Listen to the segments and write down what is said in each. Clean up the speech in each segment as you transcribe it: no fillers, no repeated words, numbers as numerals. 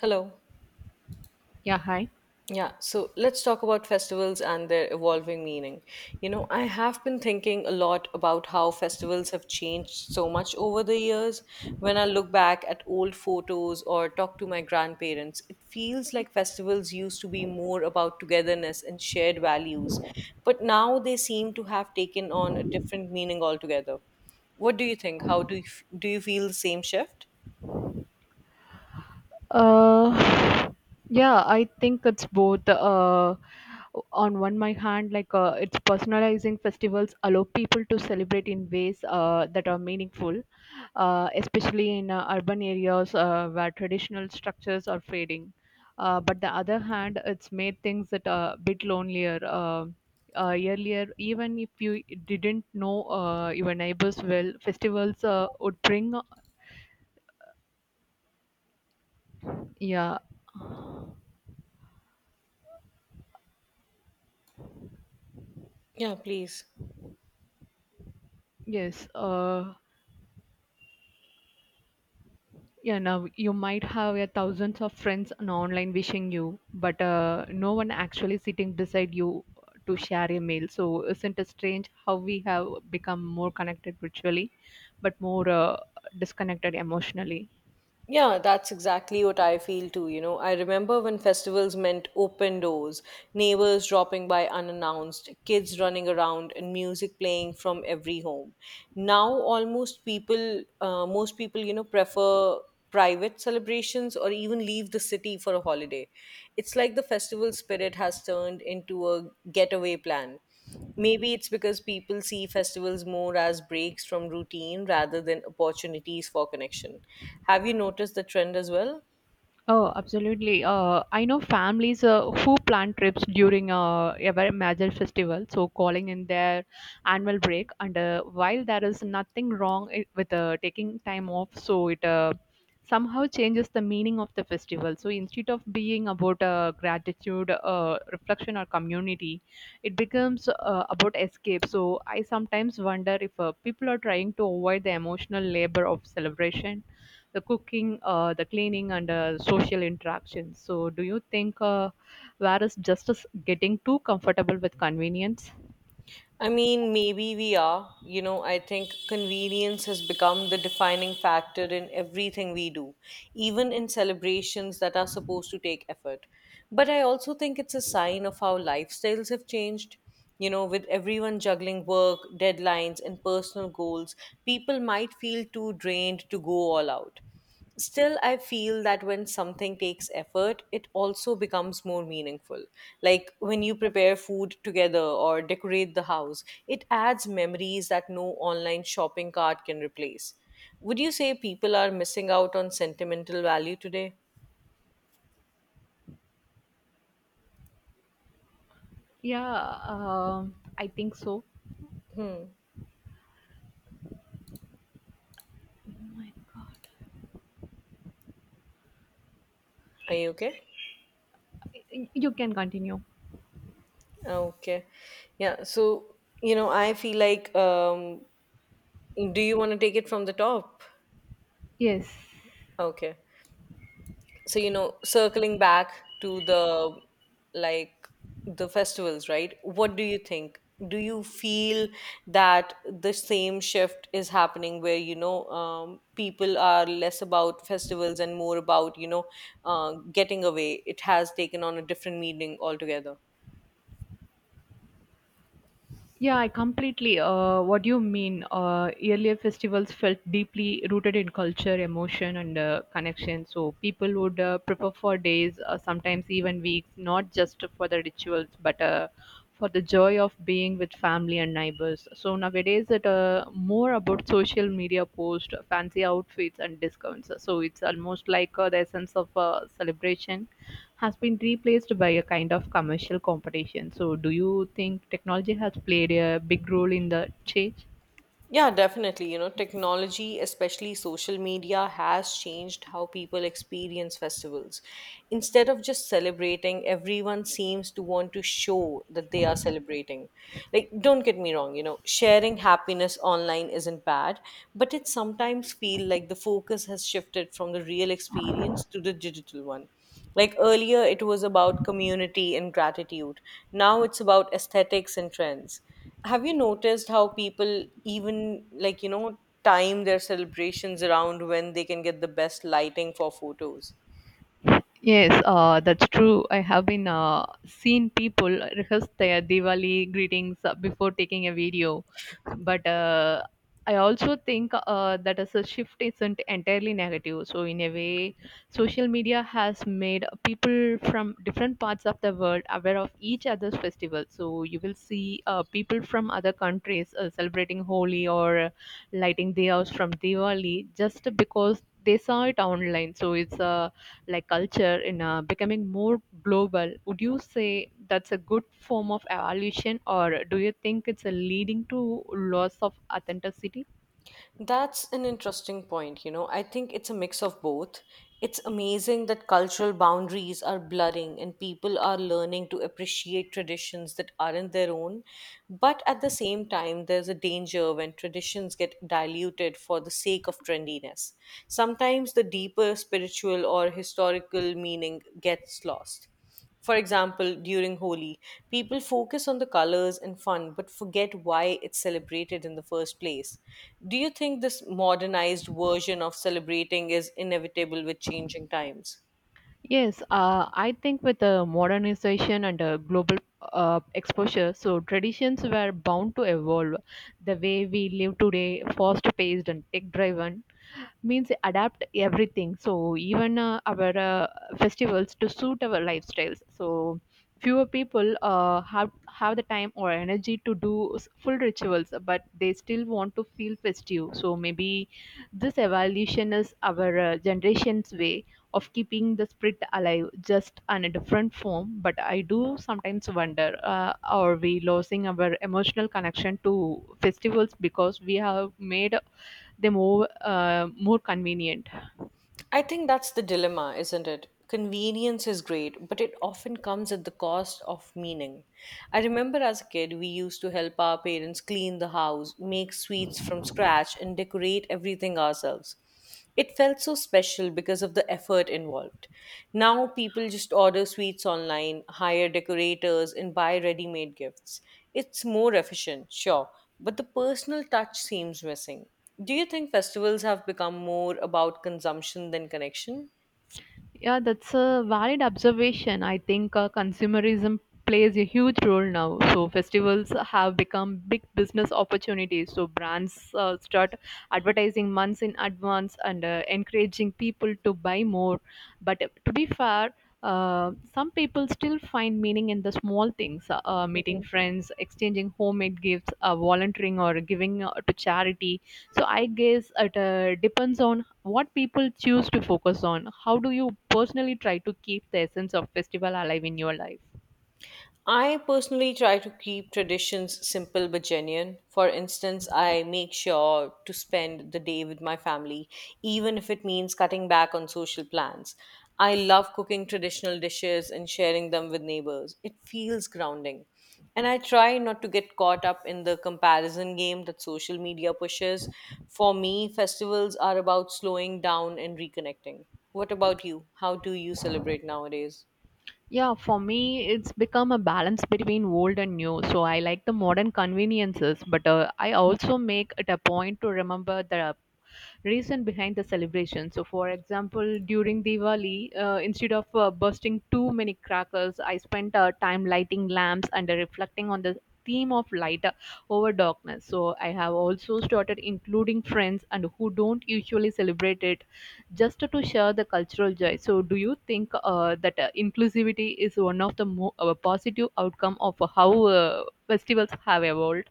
Hello. Yeah, hi. Yeah, so let's talk about festivals and their evolving meaning. You know, I have been thinking a lot about how festivals have changed so much over the years. When I look back at old photos or talk to my grandparents, it feels like festivals used to be more about togetherness and shared values, but now they seem to have taken on a different meaning altogether. What do you think? How do you, do you feel the same shift? Uh, yeah, I think it's both. On one my hand, like it's personalizing festivals allow people to celebrate in ways that are meaningful, especially in urban areas where traditional structures are fading. But the other hand, it's made things that are a bit lonelier. Earlier, even if you didn't know your neighbors well, festivals would bring, yeah, Yeah, please. yes. You might have a thousands of friends on online wishing you, but no one actually sitting beside you to share a meal. So isn't it strange how we have become more connected virtually but more disconnected emotionally? Yeah, that's exactly what I feel too. You know, I remember when festivals meant open doors, neighbors dropping by unannounced, kids running around, and music playing from every home. Now, almost most people, you know, prefer private celebrations or even leave the city for a holiday. It's like the festival spirit has turned into a getaway plan. Maybe it's because people see festivals more as breaks from routine rather than opportunities for connection. Have you noticed the trend as well? Oh, absolutely. I know families who plan trips during a very major festival, so calling in their annual break. And while there is nothing wrong with taking time off, so it somehow changes the meaning of the festival. So instead of being about gratitude, reflection, or community, it becomes about escape. So I sometimes wonder if people are trying to avoid the emotional labor of celebration, the cooking, the cleaning, and social interactions. So, do you think where is justice getting too comfortable with convenience? I mean, maybe we are. You know, I think convenience has become the defining factor in everything we do, even in celebrations that are supposed to take effort. But I also think it's a sign of how lifestyles have changed. You know, with everyone juggling work, deadlines, and personal goals, people might feel too drained to go all out. Still, I feel that when something takes effort, it also becomes more meaningful. Like when you prepare food together or decorate the house, it adds memories that no online shopping cart can replace. Would you say people are missing out on sentimental value today? Yeah, I think so. Oh my God. Are you okay? You can continue. Okay. Yeah. So, you know, I feel like, do you want to take it from the top? Yes. Okay. So you know, circling back to the like the festivals, right? What do you think? Do you feel that the same shift is happening where, you know, people are less about festivals and more about, you know, getting away, it has taken on a different meaning altogether? Yeah, I completely. What do you mean? Earlier festivals felt deeply rooted in culture, emotion, and connection. So people would prepare for days, sometimes even weeks, not just for the rituals, but for the joy of being with family and neighbors. So nowadays it more about social media post, fancy outfits and discounts. So it's almost like the essence of celebration has been replaced by a kind of commercial competition. So do you think technology has played a big role in the change? Yeah, definitely. You know, technology, especially social media, has changed how people experience festivals. Instead of just celebrating, everyone seems to want to show that they are celebrating. Like, don't get me wrong, you know, sharing happiness online isn't bad, but it sometimes feel like the focus has shifted from the real experience to the digital one. Like earlier, it was about community and gratitude. Now it's about aesthetics and trends. Have you noticed how people even like, you know, time their celebrations around when they can get the best lighting for photos? Yes, that's true. I have been seen people rehearse their Diwali greetings before taking a video, but I also think that as a shift isn't entirely negative. So in a way, social media has made people from different parts of the world aware of each other's festival. So you will see people from other countries celebrating Holi or lighting diyas from Diwali just because they saw it online. So it's a like culture in becoming more global. Would you say that's a good form of evolution or do you think it's a leading to loss of authenticity? That's an interesting point. You know, I think it's a mix of both. It's amazing that cultural boundaries are blurring and people are learning to appreciate traditions that aren't their own. But at the same time, there's a danger when traditions get diluted for the sake of trendiness. Sometimes the deeper spiritual or historical meaning gets lost. For example, during Holi, people focus on the colors and fun but forget why it's celebrated in the first place. Do you think this modernized version of celebrating is inevitable with changing times? Yes, I think with the modernization and global exposure, so traditions were bound to evolve. The way we live today, fast paced and tech driven, means adapt everything, so even our festivals to suit our lifestyles. So fewer people have the time or energy to do full rituals, but they still want to feel festive. So maybe this evolution is our generation's way of keeping the spirit alive, just in a different form. But I do sometimes wonder, are we losing our emotional connection to festivals because we have made they more more convenient? I think that's the dilemma, isn't it? Convenience is great, but it often comes at the cost of meaning. I remember as a kid, we used to help our parents clean the house, make sweets from scratch, and decorate everything ourselves. It felt so special because of the effort involved. Now people just order sweets online, hire decorators, and buy ready made gifts. It's more efficient, sure, but the personal touch seems missing. Do you think festivals have become more about consumption than connection? Yeah, that's a valid observation. I think consumerism plays a huge role now. So festivals have become big business opportunities. So brands start advertising months in advance and encouraging people to buy more. But to be fair. Some people still find meaning in the small things, meeting friends, exchanging homemade gifts, volunteering or giving to charity. So I guess it depends on what people choose to focus on. How do you personally try to keep the essence of festival alive in your life? I personally try to keep traditions simple but genuine. For instance, I make sure to spend the day with my family, even if it means cutting back on social plans. I love cooking traditional dishes and sharing them with neighbors. It feels grounding. And I try not to get caught up in the comparison game that social media pushes. For me, festivals are about slowing down and reconnecting. What about you? How do you celebrate nowadays? Yeah, for me, it's become a balance between old and new. So I like the modern conveniences, but I also make it a point to remember the reason behind the celebration. So, for example, during Diwali, instead of bursting too many crackers, I spent time lighting lamps and reflecting on the theme of light over darkness. So, I have also started including friends and who don't usually celebrate it, just to share the cultural joy. So do you think that inclusivity is one of the more positive outcome of how festivals have evolved?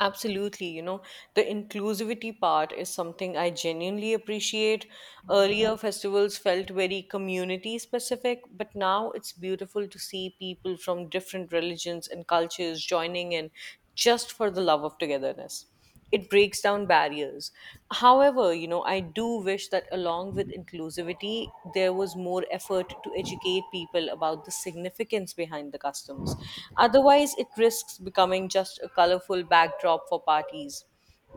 Absolutely, you know, the inclusivity part is something I genuinely appreciate. Earlier, festivals felt very community specific, but now it's beautiful to see people from different religions and cultures joining in just for the love of togetherness. It breaks down barriers. However, you know, I do wish that along with inclusivity there was more effort to educate people about the significance behind the customs. Otherwise it risks becoming just a colorful backdrop for parties.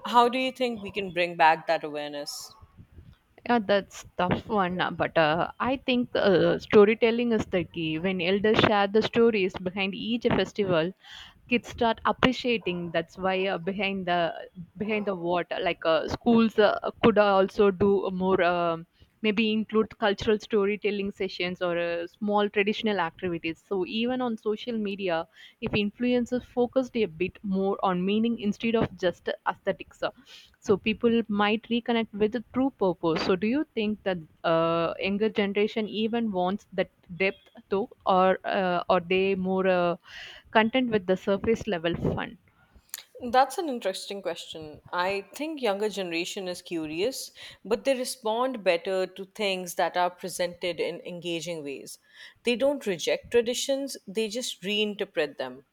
How do you think we can bring back that awareness? Yeah, that's tough one. But I think storytelling is the key. When elders share the stories behind each festival, kids start appreciating that's why behind the water, like schools could also do more, maybe include cultural storytelling sessions or small traditional activities. So even on social media, if influencers focused a bit more on meaning instead of just aesthetics, so people might reconnect with the true purpose. So do you think that younger generation even wants that depth though, or are they more content with the surface level fun? That's an interesting question. I think younger generation is curious, but they respond better to things that are presented in engaging ways. They don't reject traditions, they just reinterpret them.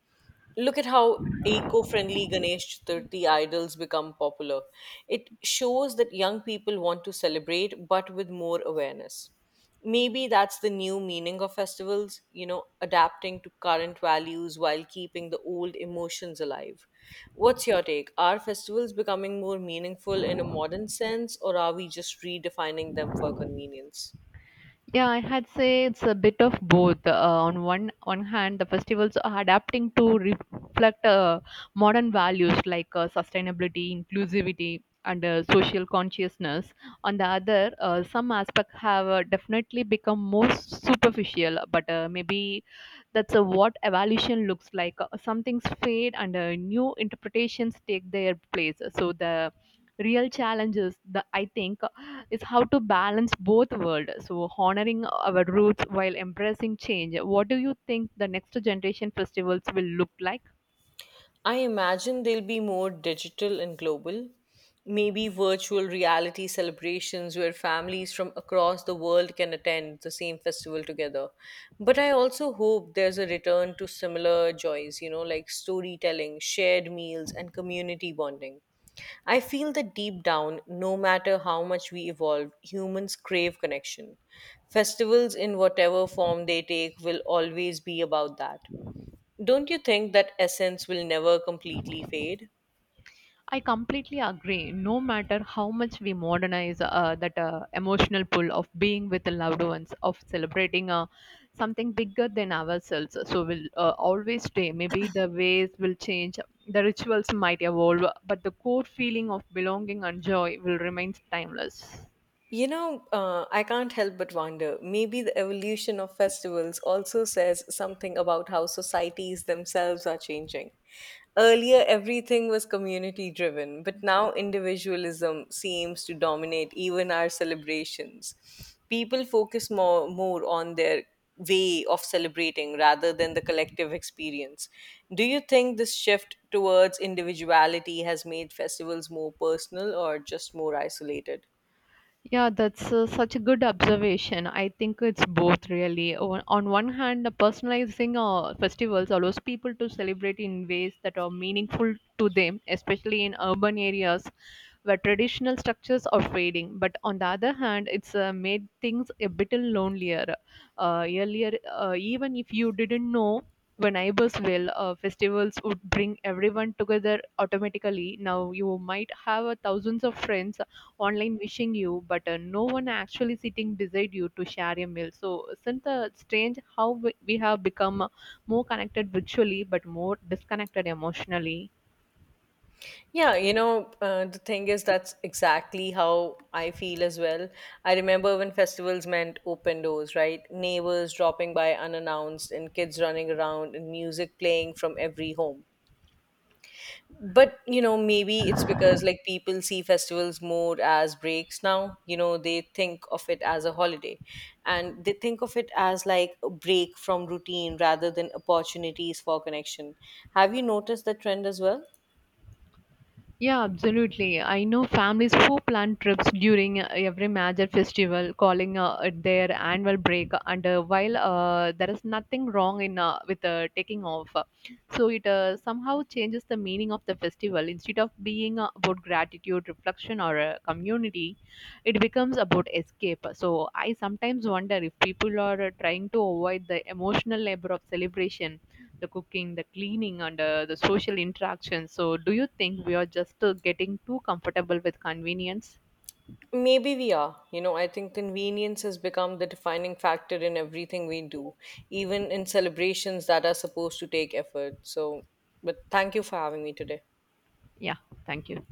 Look at how eco-friendly Ganesh Chaturthi idols become popular. It shows that young people want to celebrate, but with more awareness. Maybe that's the new meaning of festivals, you know, adapting to current values while keeping the old emotions alive. What's your take? Are festivals becoming more meaningful in a modern sense, or are we just redefining them for convenience? Yeah, I had say it's a bit of both. On one hand, the festivals are adapting to reflect modern values like sustainability, inclusivity, and social consciousness. On the other, some aspects have definitely become more superficial, but maybe that's what evolution looks like. Some things fade, and new interpretations take their place. So the real challenges the I think is how to balance both worlds. So honoring our roots while embracing change. What do you think the next generation festivals will look like? I imagine they'll be more digital and global. Maybe virtual reality celebrations where families from across the world can attend the same festival together. But I also hope there's a return to similar joys, you know, like storytelling, shared meals, and community bonding. I feel that deep down, no matter how much we evolve, humans crave connection. Festivals, in whatever form they take, will always be about that. Don't you think that essence will never completely fade? I completely agree. No matter how much we modernize, that emotional pull of being with the loved ones, of celebrating something bigger than ourselves, so will always stay. Maybe the ways will change, the rituals might evolve, but the core feeling of belonging and joy will remain timeless. You know, I can't help but wonder, maybe the evolution of festivals also says something about how societies themselves are changing. Earlier, everything was community driven, but now individualism seems to dominate even our celebrations. People focus more on their way of celebrating rather than the collective experience. Do you think this shift towards individuality has made festivals more personal or just more isolated? Yeah, that's such a good observation. I think it's both really. On one hand, the personalizing festivals allows people to celebrate in ways that are meaningful to them, especially in urban areas where traditional structures are fading. But on the other hand, it's made things a bit lonelier. Earlier, even if you didn't know your neighbors well, festivals would bring everyone together automatically. Now you might have thousands of friends online wishing you, but no one actually sitting beside you to share a meal. So isn't it strange how we have become more connected virtually, but more disconnected emotionally? Yeah, you know, the thing is, that's exactly how I feel as well. I remember when festivals meant open doors, right? Neighbors dropping by unannounced, and kids running around, and music playing from every home. But, you know, maybe it's because like people see festivals more as breaks now. You know, they think of it as a holiday and they think of it as like a break from routine rather than opportunities for connection. Have you noticed that trend as well? Yeah, absolutely. I know families who plan trips during every major festival, calling it their annual break. And while there is nothing wrong in with taking off, so it somehow changes the meaning of the festival. Instead of being about gratitude, reflection, or community, it becomes about escape. So I sometimes wonder if people are trying to avoid the emotional labor of celebration, the cooking, the cleaning, and the social interaction. So, do you think we are just getting too comfortable with convenience? Maybe we are. You know, I think convenience has become the defining factor in everything we do, even in celebrations that are supposed to take effort. So, but thank you for having me today. Yeah, thank you.